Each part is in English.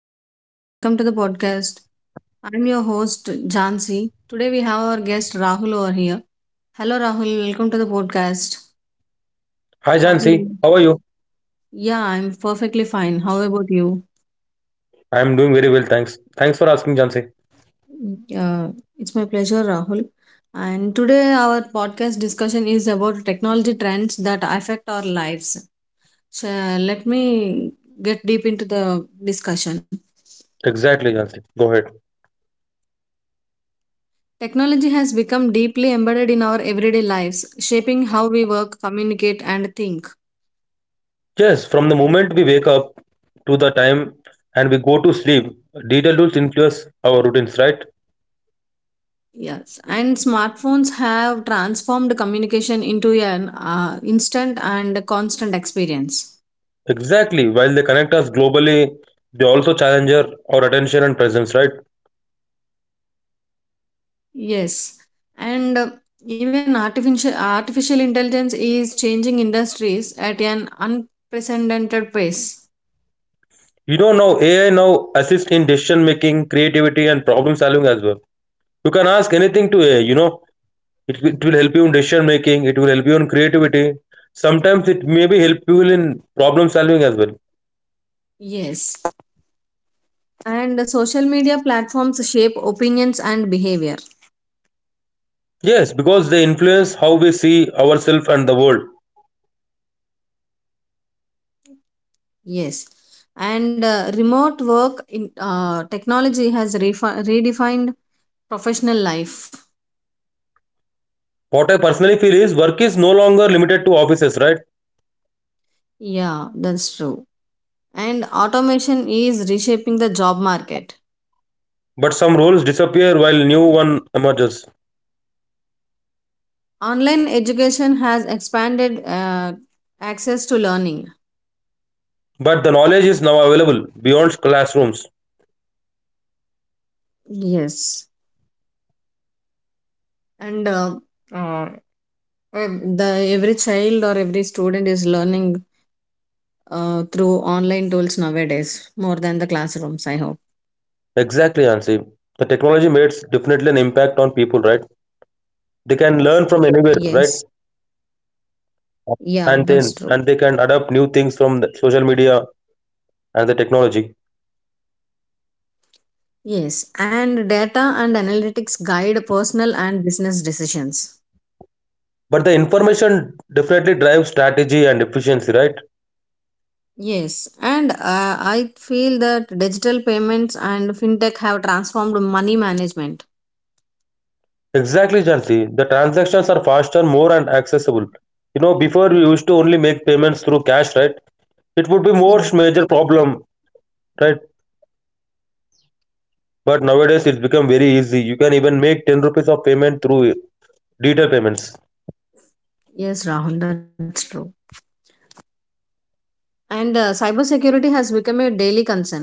Hello everyone, welcome to the podcast. I'm your host Jansi. Today we have our guest Rahul over here. Hello Rahul, welcome to the podcast. Hi How are Jansi, you? how are you? Yeah, I'm perfectly fine. How about you? I am doing very well, thanks. Thanks for asking, Jansi. Uh, it's my pleasure, Rahul. And today our podcast discussion is about technology trends that affect our lives. So let me get deep into the discussion. Exactly, Jansi. Go ahead. Technology has become deeply embedded in our everyday lives, shaping how we work, communicate, and think. Yes, from the moment we wake up to the time and we go to sleep, detailed rules influence our routines, right? Yes, and smartphones have transformed communication into an instant and constant experience. Exactly. While they connect us globally, they also challenge our attention and presence, right? Yes, and even artificial intelligence is changing industries at an unprecedented pace. You know now AI now assist in decision making, creativity, and problem solving as well. You can ask anything to AI, you know, it will help you in decision making. It will help you in creativity. Sometimes it maybe help you in problem solving as well. Yes, and the social media platforms shape opinions and behavior. Yes, because they influence how we see ourselves and the world. Yes, and remote work in technology has redefined professional life. What I personally feel is work is no longer limited to offices, right? Yeah, that's true. And automation is reshaping the job market. But some roles disappear while new one emerges. Online education has expanded access to learning. But the knowledge is now available beyond classrooms. Yes, and uh, ev- the every child or every student is learning through online tools nowadays more than the classrooms. I hope. Exactly, Ansi. The technology makes definitely an impact on people, right? They can learn Yes, from anywhere, right? yeah, that's true. And then and they can adapt new things from the social media and the technology. Yes, and data and analytics guide personal and business decisions. But the information definitely drives strategy and efficiency, right? Yes, and I feel that digital payments and fintech have transformed money management. Exactly, Jansi. The transactions are faster, more, and accessible. You know, before we used to only make payments through cash, right? It would be Yes, most major problem, right? But nowadays it's become very easy. You can even make 10 rupees of payment through digital payments. yes, Rahul, that's true. And cybersecurity has become a daily concern.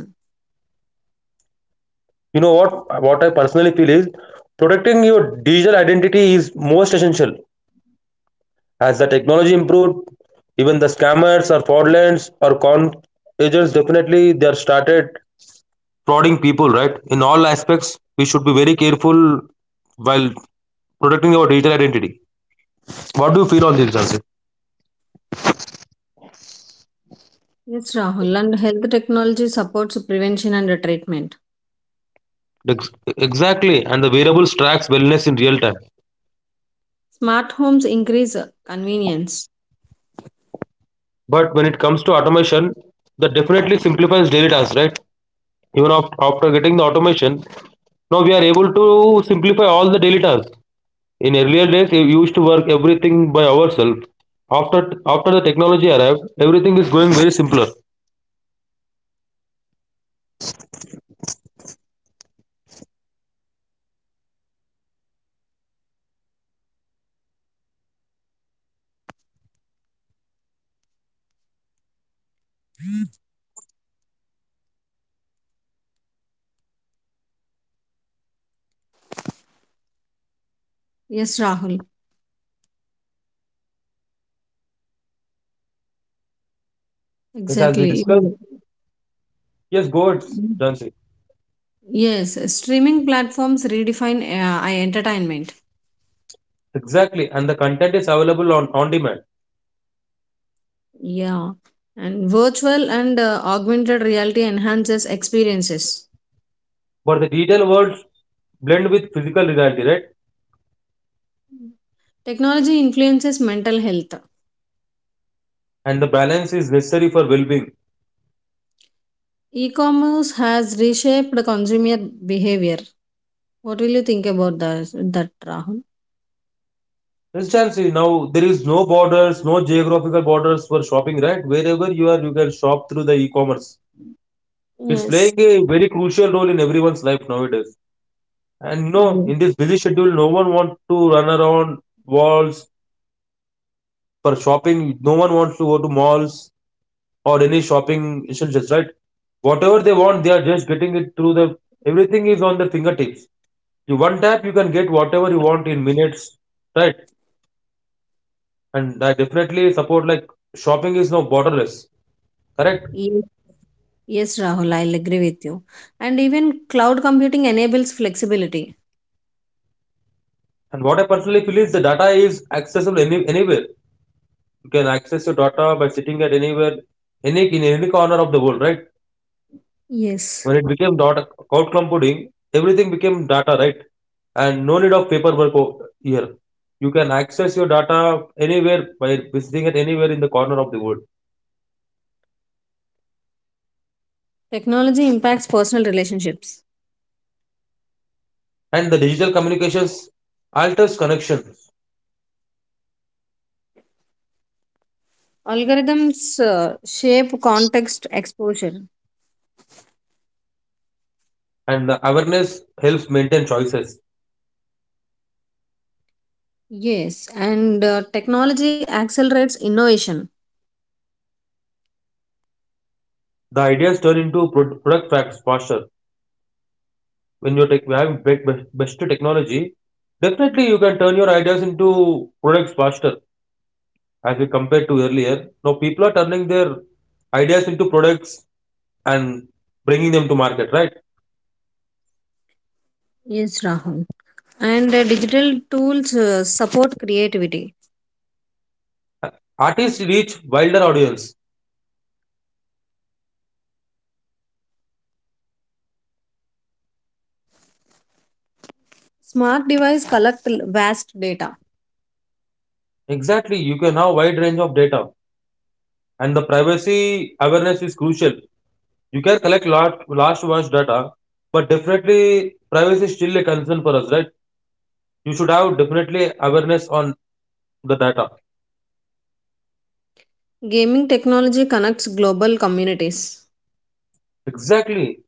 You know what? What I personally feel is protecting your digital identity is most essential. As the technology improved, even the scammers or fraudulents or con agents definitely they are started frauding people, right? In all aspects, we should be very careful while protecting our digital identity. What do you feel on this, Jansi? Yes, Rahul, and health technology supports prevention and treatment. Ex- Exactly, and the variables tracks wellness in real time. Smart homes increase convenience. But when it comes to automation, that definitely simplifies daily tasks, right? Even after getting the automation, now we are able to simplify all the daily tasks. In earlier days, we used to work everything by ourselves. After after the technology arrived, everything is going very simpler. Yes, Rahul, Yes, as we exactly. discussed. Mm. Yes, go ahead, Jansi. Yes, streaming platforms redefine entertainment. Exactly, and the content is available on demand. Yeah, and virtual and augmented reality enhances experiences. But the digital worlds blend with physical reality, right? Technology influences mental health. And the balance is necessary for well-being. E-commerce has reshaped consumer behavior. What will you think about that, Rahul? Instantly now there is no borders, no geographical borders for shopping, right? Wherever you are, you can shop through the e-commerce. It's Yes. playing a very crucial role in everyone's life nowadays. And you know, Yeah. in this busy schedule, no one wants to run around walls for shopping. No one wants to go to malls or any shopping essentials, right? Whatever they want, they are just getting it through the. Everything is on the fingertips. You one tap, you can get whatever you want in minutes, right? And I definitely support, like, shopping is now borderless, correct? Yes, yes, Rahul, I'll agree with you. And even cloud computing enables flexibility. And what I personally feel is the data is accessible anywhere. You can access your data by sitting at anywhere, any in any corner of the world, right? When it Yes. became dot cloud computing, everything became data, right? And no need of paperwork here. You can access your data anywhere by visiting it anywhere in the corner of the world. Technology impacts personal relationships. And the digital communications alters connections, Algorithms shape context exposure. and the awareness helps maintain choices. Yes, and technology accelerates innovation. The ideas turn into product facts faster. When you best technology, definitely you can turn your ideas into products faster as we compared to earlier. Now people are turning their ideas into products and bringing them to market, right? Yes, Rahul. And digital tools support creativity. Artists reach wilder audience. Smart device collect vast data. Exactly, you can have wide range of data, and the privacy awareness is crucial. You can collect vast data, but definitely privacy is still a concern for us, right? You should have definitely awareness on the data. Gaming technology connects global communities. Exactly,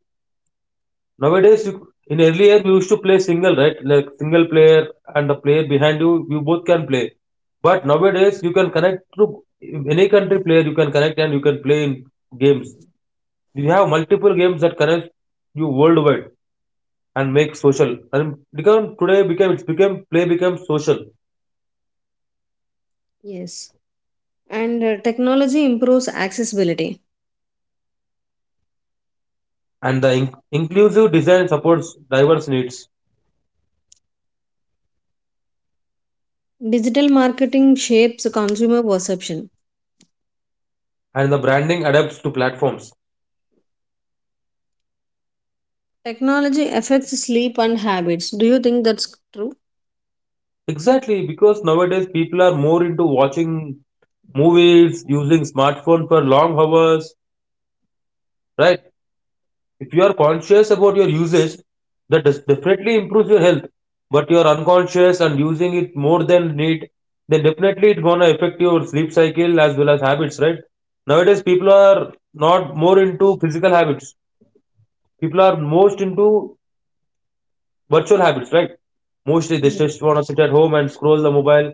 nowadays you, in earlier we used to play single, right, like single player and the player behind you, you both can play. But nowadays you can connect through any country player, you can connect and you can play in games. We have multiple games that connect you worldwide and make social and become today became it's become play becomes social. Yes. And technology improves accessibility. And the inclusive design supports diverse needs. Digital marketing shapes consumer perception. And the branding adapts to platforms. Technology affects sleep and habits. Do you think that's true? Exactly, because nowadays people are more into watching movies, using smartphone for long hours, right? If you are conscious about your usage, that does definitely improves your health. But you are unconscious and using it more than need, then definitely it's gonna affect your sleep cycle as well as habits, right? Nowadays people are not more into physical habits. People are most into virtual habits, right? Mostly they Ye- just want to sit at home and scroll the mobile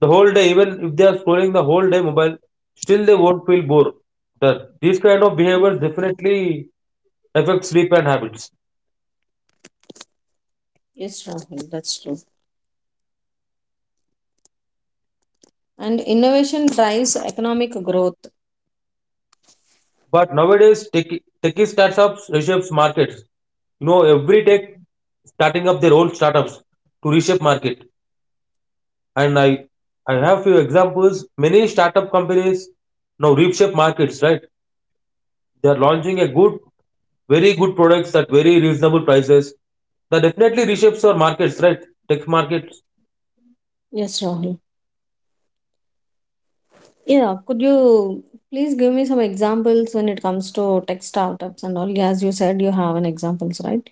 the whole day. Even if they are scrolling the whole day mobile, still they won't feel bored. These kind of behaviors definitely affect sleep and habits. Yes, Rahul, that's true. And innovation drives economic growth. But nowadays, techie startups reshapes markets. You know, every tech starting up their own startups to reshape market. And I have few examples. Many startup companies now reshape markets, right? They are launching a good very good products at very reasonable prices that definitely reshapes our markets, right? Tech markets. Yes, Rahul. Yeah, could you please give me some examples when it comes to tech startups and all? As you said, you have an examples, right?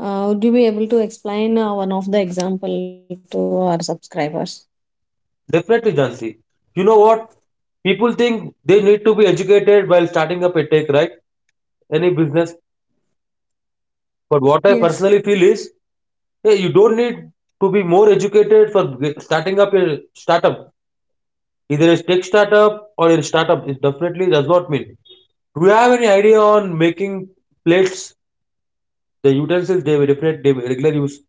Would you be able to explain one of the example to our subscribers? Definitely, Jansi. You know what, people think they need to be educated while starting up a tech, right? Any business. Yes. But what I personally feel is, hey, you don't need to be more educated for starting up a startup. Either a tech startup or a startup, it definitely does not mean do you have any idea on making plates. The utensils they represent they regular use.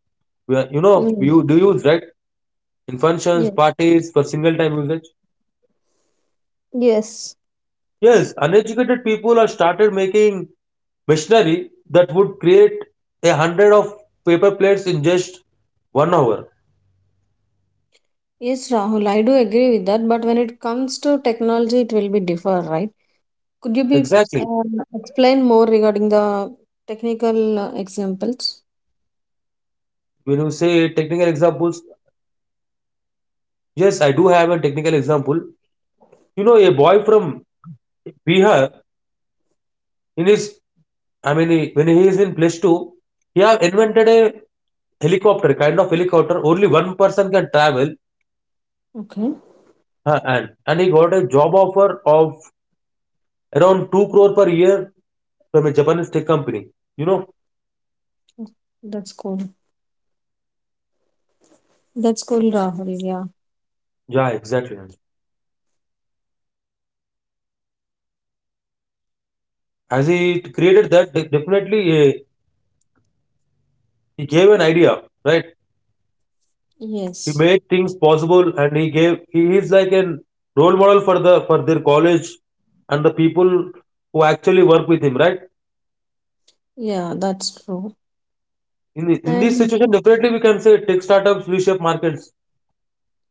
Well, you know, Mm. you do use, right, in Yeah. functions, parties for single time usage. Yes. Yes, uneducated people are started making machinery that would create a hundred of paper plates in just 1 hour. Yes, Rahul, I do agree with that. But when it comes to technology, it will be differ, right? Could you be Exactly. Explain more regarding the technical examples? When you say technical examples, yes, I do have a technical example. You know, a boy from Bihar in his, I mean, when he is in plus two, he have invented a helicopter, kind of helicopter. Only one person can travel. Okay. And he got a job offer of around 2 crore per year from a Japanese tech company. You know? That's cool. That's cool, Rahul. Yeah. Yeah, exactly. As he created that, definitely he gave an idea, right? He Yes. made things possible and he gave, he is like an role model for the, for their college and the people who actually work with him, right? Yeah, that's true. In, the, in this And situation, definitely we can say tech startups reshape markets.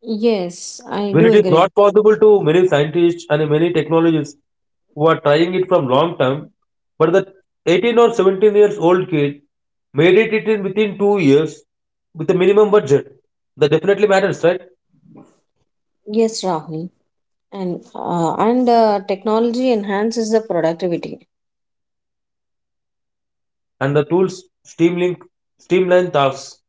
yes, I When do it is agree. not possible to many scientists and many technologists who are trying it from long term, but that 18 or 17 years old kid made it in within 2 years with a minimum budget. That definitely matters, right? Yes, Rahul. And technology enhances the productivity. And the tools streamlink streamline tasks.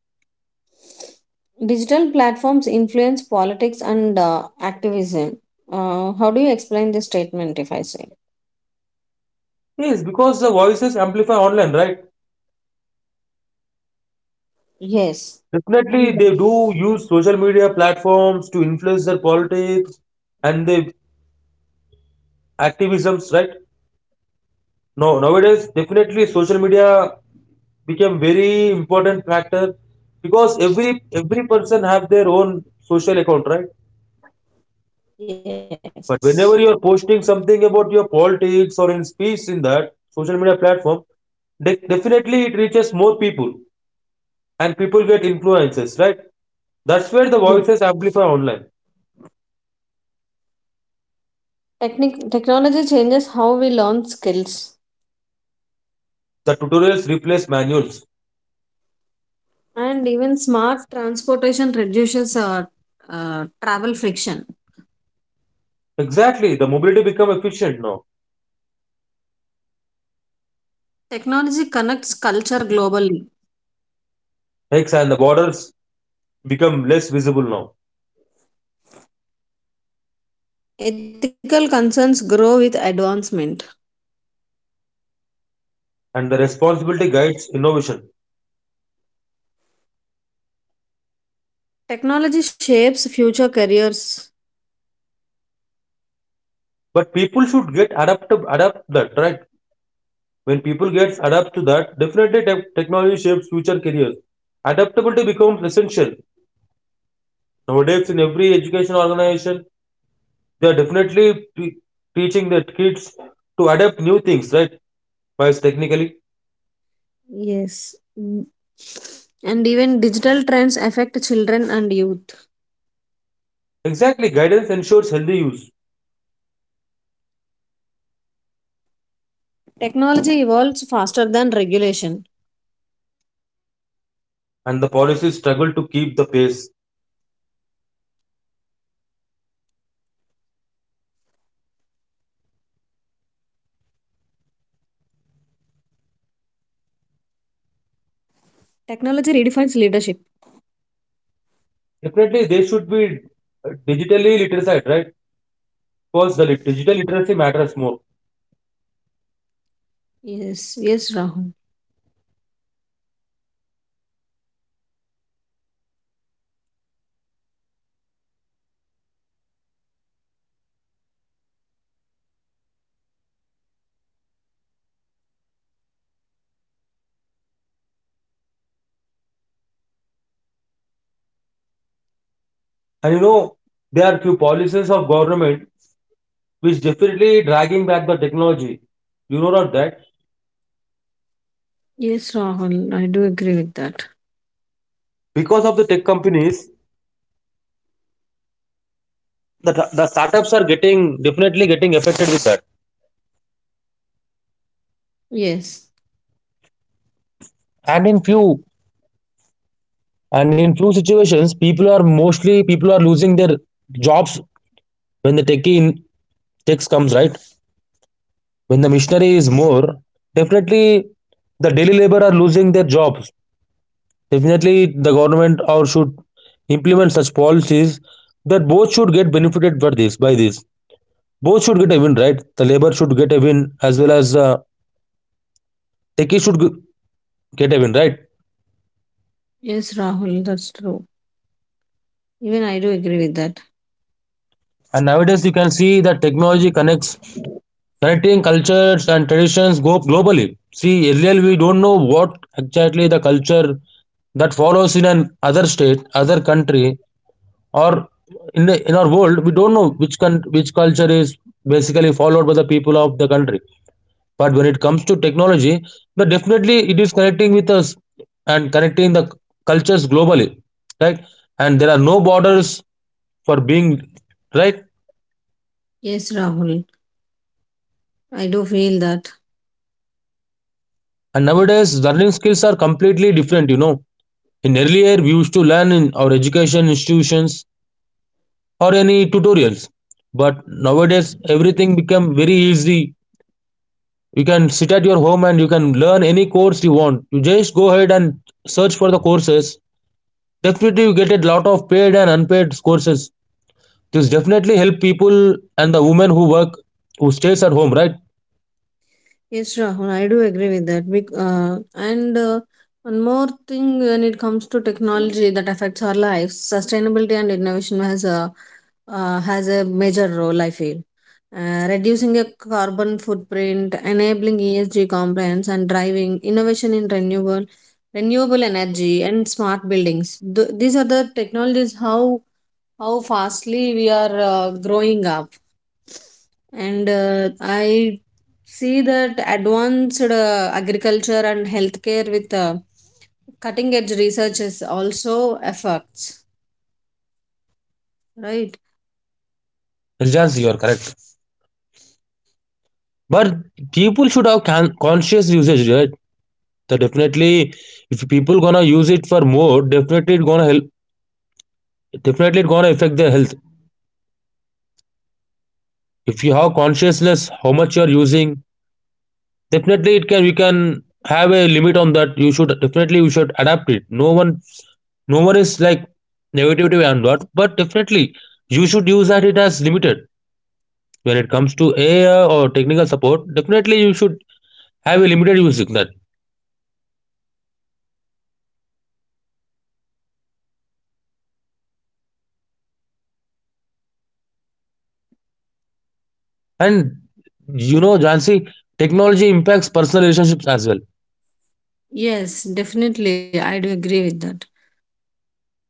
Digital platforms influence politics and activism. How do you explain this statement if I say? Yes, because the voices amplify online, right? Yes. And Definitely, they do use social media platforms to influence their politics and their activisms, right? No, nowadays definitely social media became very important factor because every person have their own social account, right? yes. But whenever you are posting something about your politics or in speech in that social media platform, definitely it reaches more people and people get influences, right? That's where the Yeah. voices amplify online. Technology changes how we learn skills. The tutorials replace manuals. And even smart transportation reduces travel friction. Exactly, the mobility become efficient now. Technology connects culture globally. X and the borders become less visible now. Ethical concerns grow with advancement. And the responsibility guides innovation. Technology shapes future careers. But people should get adapt that, right. When people gets adapt to that, definitely technology shapes future careers. Adaptability becomes essential nowadays in every education organization. They are definitely teaching their kids to adapt new things, right? Wise technically, Yes. Mm. And even digital trends affect children and youth. exactly guidance ensures healthy use, Technology evolves faster than regulation. and the policies struggle to keep the pace. Technology redefines leadership. Definitely, they should be digitally literate, right? Because the digital literacy matters more. Yes, yes, Rahul. And you know, there are few policies of government which definitely dragging back the technology. You know not that? Yes, Rahul. I do agree with that. Because of the tech companies, the startups are getting definitely getting affected with that. Yes, and in few and in few situations people are mostly people are losing their jobs when the techie in techs comes, right? When the machinery is more, definitely the daily labor are losing their jobs. Definitely, the government or should implement such policies that both should get benefited by this. By this, both should get a win, right? The labor should get a win as well as techie should get a win, right? yes, Rahul. That's true. Even I do agree with that. And nowadays, you can see that technology connects connecting cultures and traditions go globally. See, earlier we don't know what exactly the culture that follows in an other state, other country, or in the, in our world, we don't know which which culture is basically followed by the people of the country. But when it comes to technology, but definitely it is connecting with us and connecting the cultures globally, right? And there are no borders for being, right? Yes, Rahul. I do feel that. And nowadays learning skills are completely different. In earlier we used to learn in our education institutions or any tutorials, but nowadays everything become very easy. You can sit at your home and you can learn any course you want. You just go ahead and search for the courses. Definitely, you get a lot of paid and unpaid courses. This definitely help people and the women who work, who stays at home, right? Yes, Rahul, I do agree with that. Bec- and One more thing: when it comes to technology that affects our lives, sustainability and innovation has a major role, I feel. Reducing a carbon footprint, enabling ESG compliance, and driving innovation in renewable energy and smart buildings. These are the technologies how fastly we are growing up, and I see that advanced agriculture and healthcare with cutting edge research is also affects, right? Yes, you are correct. But people should have conscious usage, right? So definitely, if people gonna use it for more, definitely it gonna help. Definitely, it gonna affect their health. If you have consciousness, how much you are using, definitely it can. We can have a limit on that. You should definitely you should adapt it. No one is like negativity and what, but definitely you should use that it as limited. When it comes to AI or technical support, definitely you should have a limited use signal. And Jansi, technology impacts personal relationships as well. Yes, definitely. I do agree with that.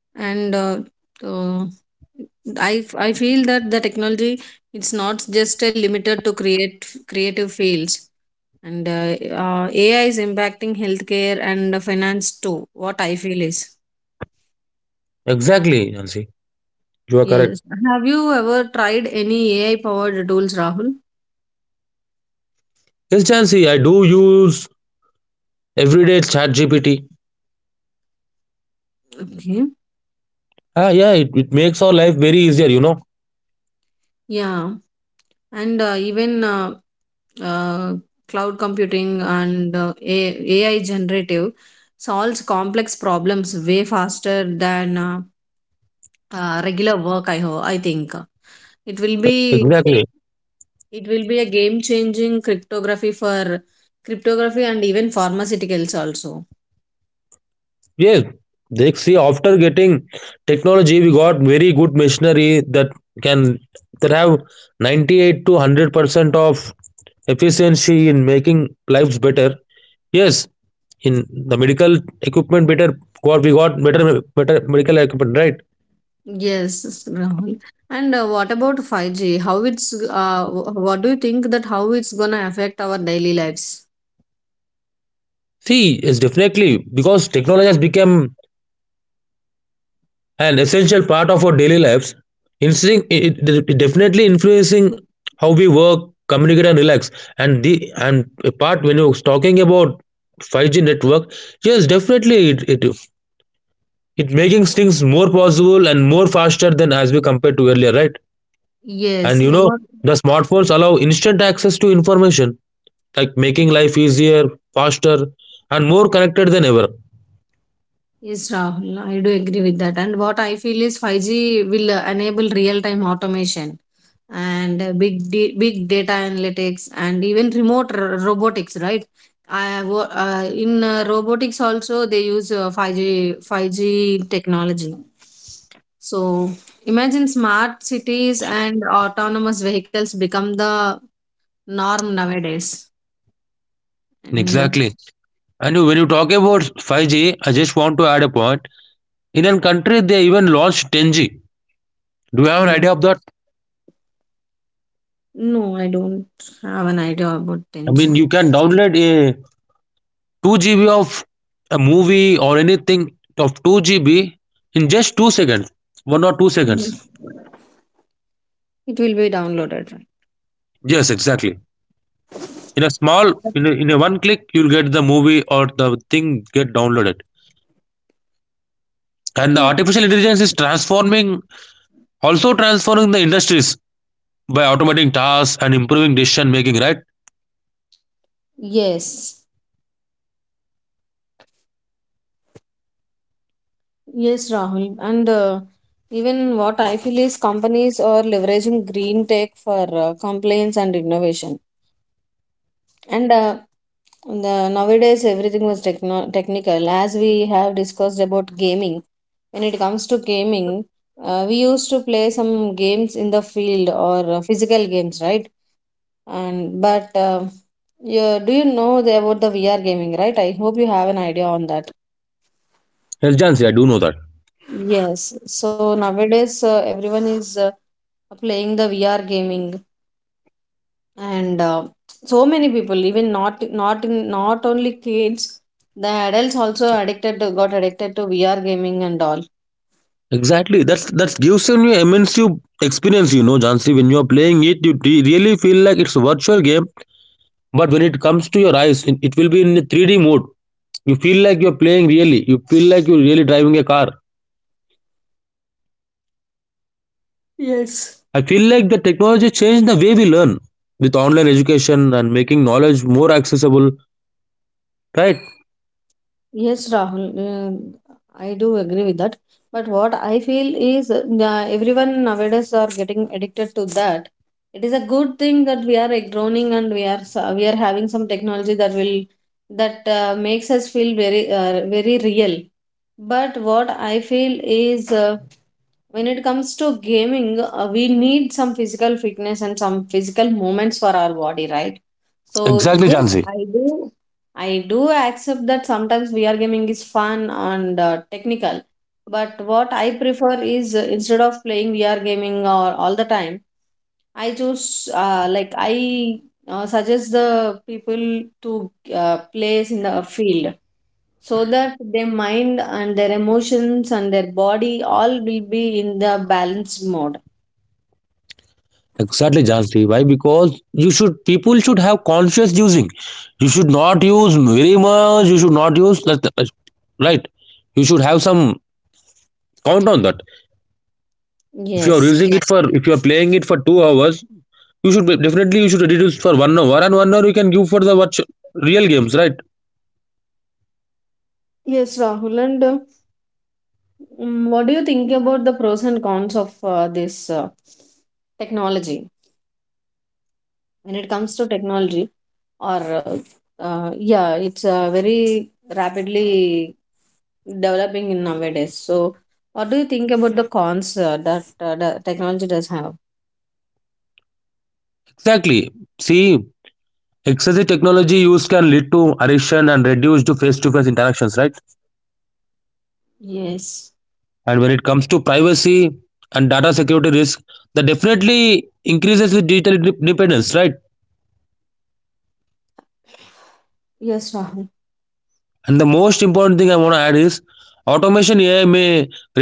And uh, uh, I feel that the technology, it's not just limited to create creative fields, and AI is impacting healthcare and finance too. What I feel is. Exactly, Jansi. You are correct. Yes. Have you ever tried any AI powered tools, Rahul? Yes, Jansi, I do use everyday Chat GPT. Okay. Ah, yeah, it makes our life very easier. Yeah. And even uh, cloud computing and AI generative solves complex problems way faster than regular work. I hope. I think it will be, Exactly. it will be a game changing cryptography for cryptography and even pharmaceuticals also. Yes, they see after getting technology, we got very good machinery that can that have 98 to 100% of efficiency in making lives better. Yes, in the medical equipment better, got we got better medical equipment, right? Yes, Rahul. And what about 5G? What do you think that how it's gonna affect our daily lives? See, yes, definitely because technology has become an essential part of our daily lives, instinct definitely influencing how we work, communicate, and relax. And the and a part when you're talking about 5G network, yes, definitely it making things more possible and more faster than as we compared to earlier, right? And Yes. you know the smartphones allow instant access to information, like making life easier, faster, and more connected than ever. Yes, Rahul, I do agree with that. And what I feel is 5G will enable real-time automation and big data analytics and even remote robotics, right? In robotics also they use 5G technology. So imagine smart cities and autonomous vehicles become the norm nowadays. And Exactly. And when you talk about 5G, I just want to add a point. In an country, they even launched 10G. Do you have an yeah. idea of that? No, I don't have an idea about I mean, 10G. you can download a 2 GB of a movie or anything of 2 GB in just 2 seconds. 1 or 2 seconds. Mm. It will be downloaded, Yes, exactly. In a small, right? In a one click, you'll get the movie or the thing get downloaded. And the Yes. artificial intelligence is transforming the industries by automating tasks and improving decision making, right? Yes, yes, Rahul. And even what I feel is companies are leveraging green tech for compliance and innovation. And nowadays, everything was techno technical. As we have discussed about gaming, when it comes to gaming, we used to play some games in the field or physical games, right? And but yeah, do you know about the VR gaming, right? I hope you have an idea on that. Yes, Jansi, I do know that. Yes, so nowadays everyone is playing the VR gaming, and so many people, even not only kids, the adults also got addicted to VR gaming and all. Exactly. That's gives you an immense you experience. You know, Jansi, when you are playing it, you really feel like it's a virtual game. But when it comes to your eyes, it will be in a 3D mode. You feel like you are playing really. You feel like you're really driving a car. Yes. I feel like the technology changed the way we learn with online education and making knowledge more accessible, right? Yes, Rahul, I do agree with that. But what I feel is everyone nowadays are getting addicted to that. It is a good thing that we are like, groaning, and we are we are having some technology that will, that makes us feel very very real. But what I feel is when it comes to gaming, we need some physical fitness and some physical movements for our body, right? So Exactly, yes, Jansi. I do. I do accept that sometimes VR gaming is fun and technical, but what I prefer is instead of playing VR gaming or all the time, I choose like I suggest the people to place in the field so that their mind and their emotions and their body all will be in the balanced mode. Exactly, Jansi. Why? Because you should people should have conscious using. You should not use very much. You should not use, right. You should have some count on that. If you are Yes, using it for if you are playing it for 2 hours, you should definitely you should reduce for 1 hour, and 1 hour you can give for the watch real games, right? yes, Rahul, and what do you think about the pros and cons of this technology, when it comes to technology, or yeah, it's very rapidly developing in nowadays. So what do you think about the cons that the technology does have? Exactly. See, excessive technology use can lead to addiction and reduced face to face interactions, right? Yes, And when it comes to privacy and data security risk, that definitely increases with digital dependence, right? yes, Rahul. And the most important thing I want to add is automation AI may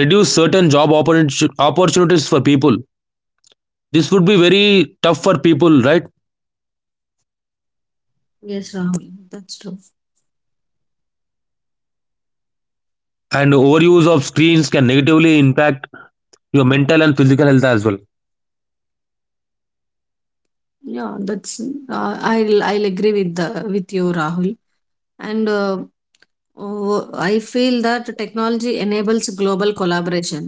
reduce certain job opportunities for people. This would be very tough for people, right? Yes, Rahul, that's true. And overuse of screens can negatively impact your mental and physical health as well. Yeah, that's I'll agree with the with you, Rahul. And oh, I feel that technology enables global collaboration.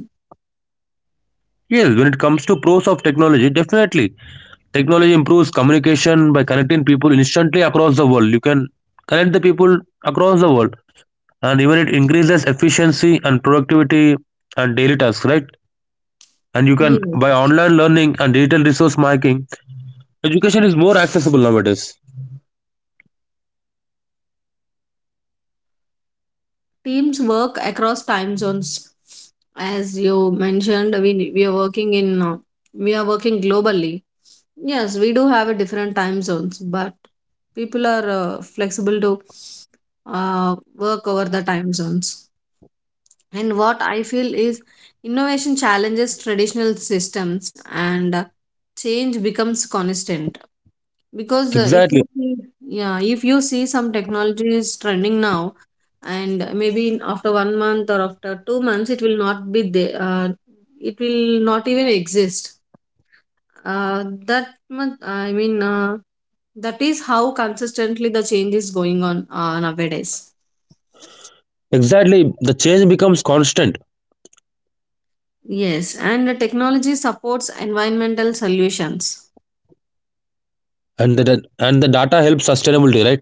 Yes, when it comes to pros of technology, definitely technology improves communication by connecting people instantly across the world. You can connect the people across the world. And even it increases efficiency and productivity and daily tasks, right? And you can, Yeah, by online learning and digital resource, making education is more accessible nowadays. teams work across time zones. As you mentioned, we are working in we are working globally. Yes, we do have a different time zones, but people are flexible to work over the time zones. And what I feel is innovation challenges traditional systems, and change becomes constant. Because if Exactly. you see, yeah, if you see some technology is trending now, and maybe after 1 month or after 2 months, it will not be there. It will not even exist. That month, I mean, That is how consistently the change is going on nowadays. Exactly, the change becomes constant. Yes, and the technology supports environmental solutions. And the and the data helps sustainability, right?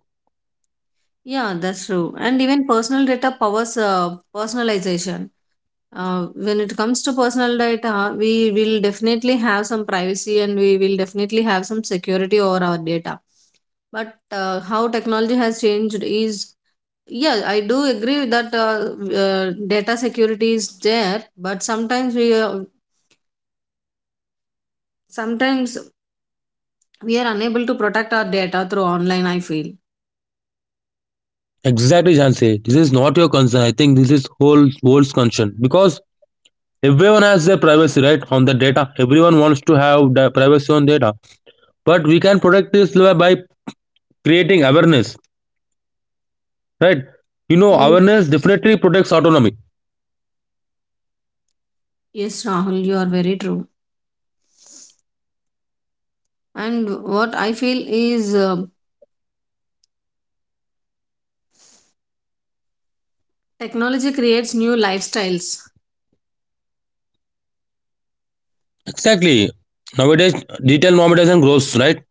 Yeah, that's true. And even personal data powers personalization. When it comes to personal data, we will definitely have some privacy and we will definitely have some security over our data. But how technology has changed is, yeah, I do agree that data security is there, but sometimes we are unable to protect our data through online. I feel. Exactly, Jansi. This is not your concern, I think. This is whole world's concern because everyone has their privacy right on the data. Everyone wants to have the privacy on data. But we can protect this by creating awareness, right? You know, awareness definitely protects autonomy. Yes, Rahul, you are very true. And what I feel is technology creates new lifestyles. Exactly. Nowadays digital normalization grows, right?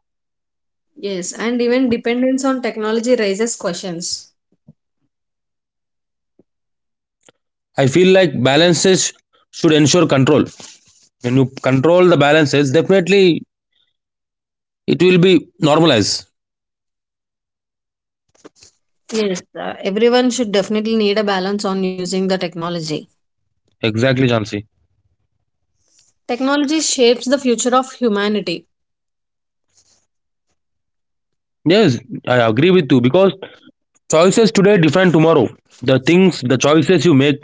Yes, and even dependence on technology raises questions. I feel like balances should ensure control. When you control the balances, definitely it will be normalized. Yes, everyone should definitely need a balance on using the technology. Exactly, Jansi. Technology shapes the future of humanity. Yes, I agree with you because choices today define tomorrow. The choices you make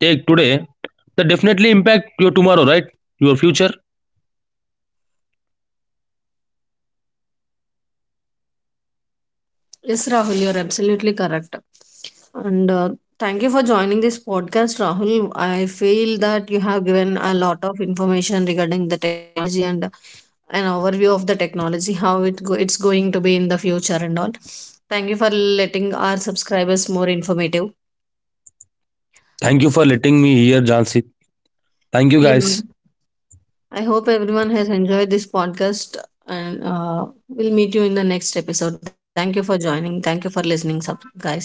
take today, that definitely impact your tomorrow, right? Your future. Yes, Rahul, you're absolutely correct. And thank you for joining this podcast, Rahul. I feel that you have given a lot of information regarding the technology and an overview of the technology, how it it's going to be in the future and all. Thank you for letting our subscribers more informative. Thank you for letting me here, Jansi. Thank you, Yeah. guys. I hope everyone has enjoyed this podcast, and we'll meet you in the next episode. Thank you for joining. Thank you for listening, guys.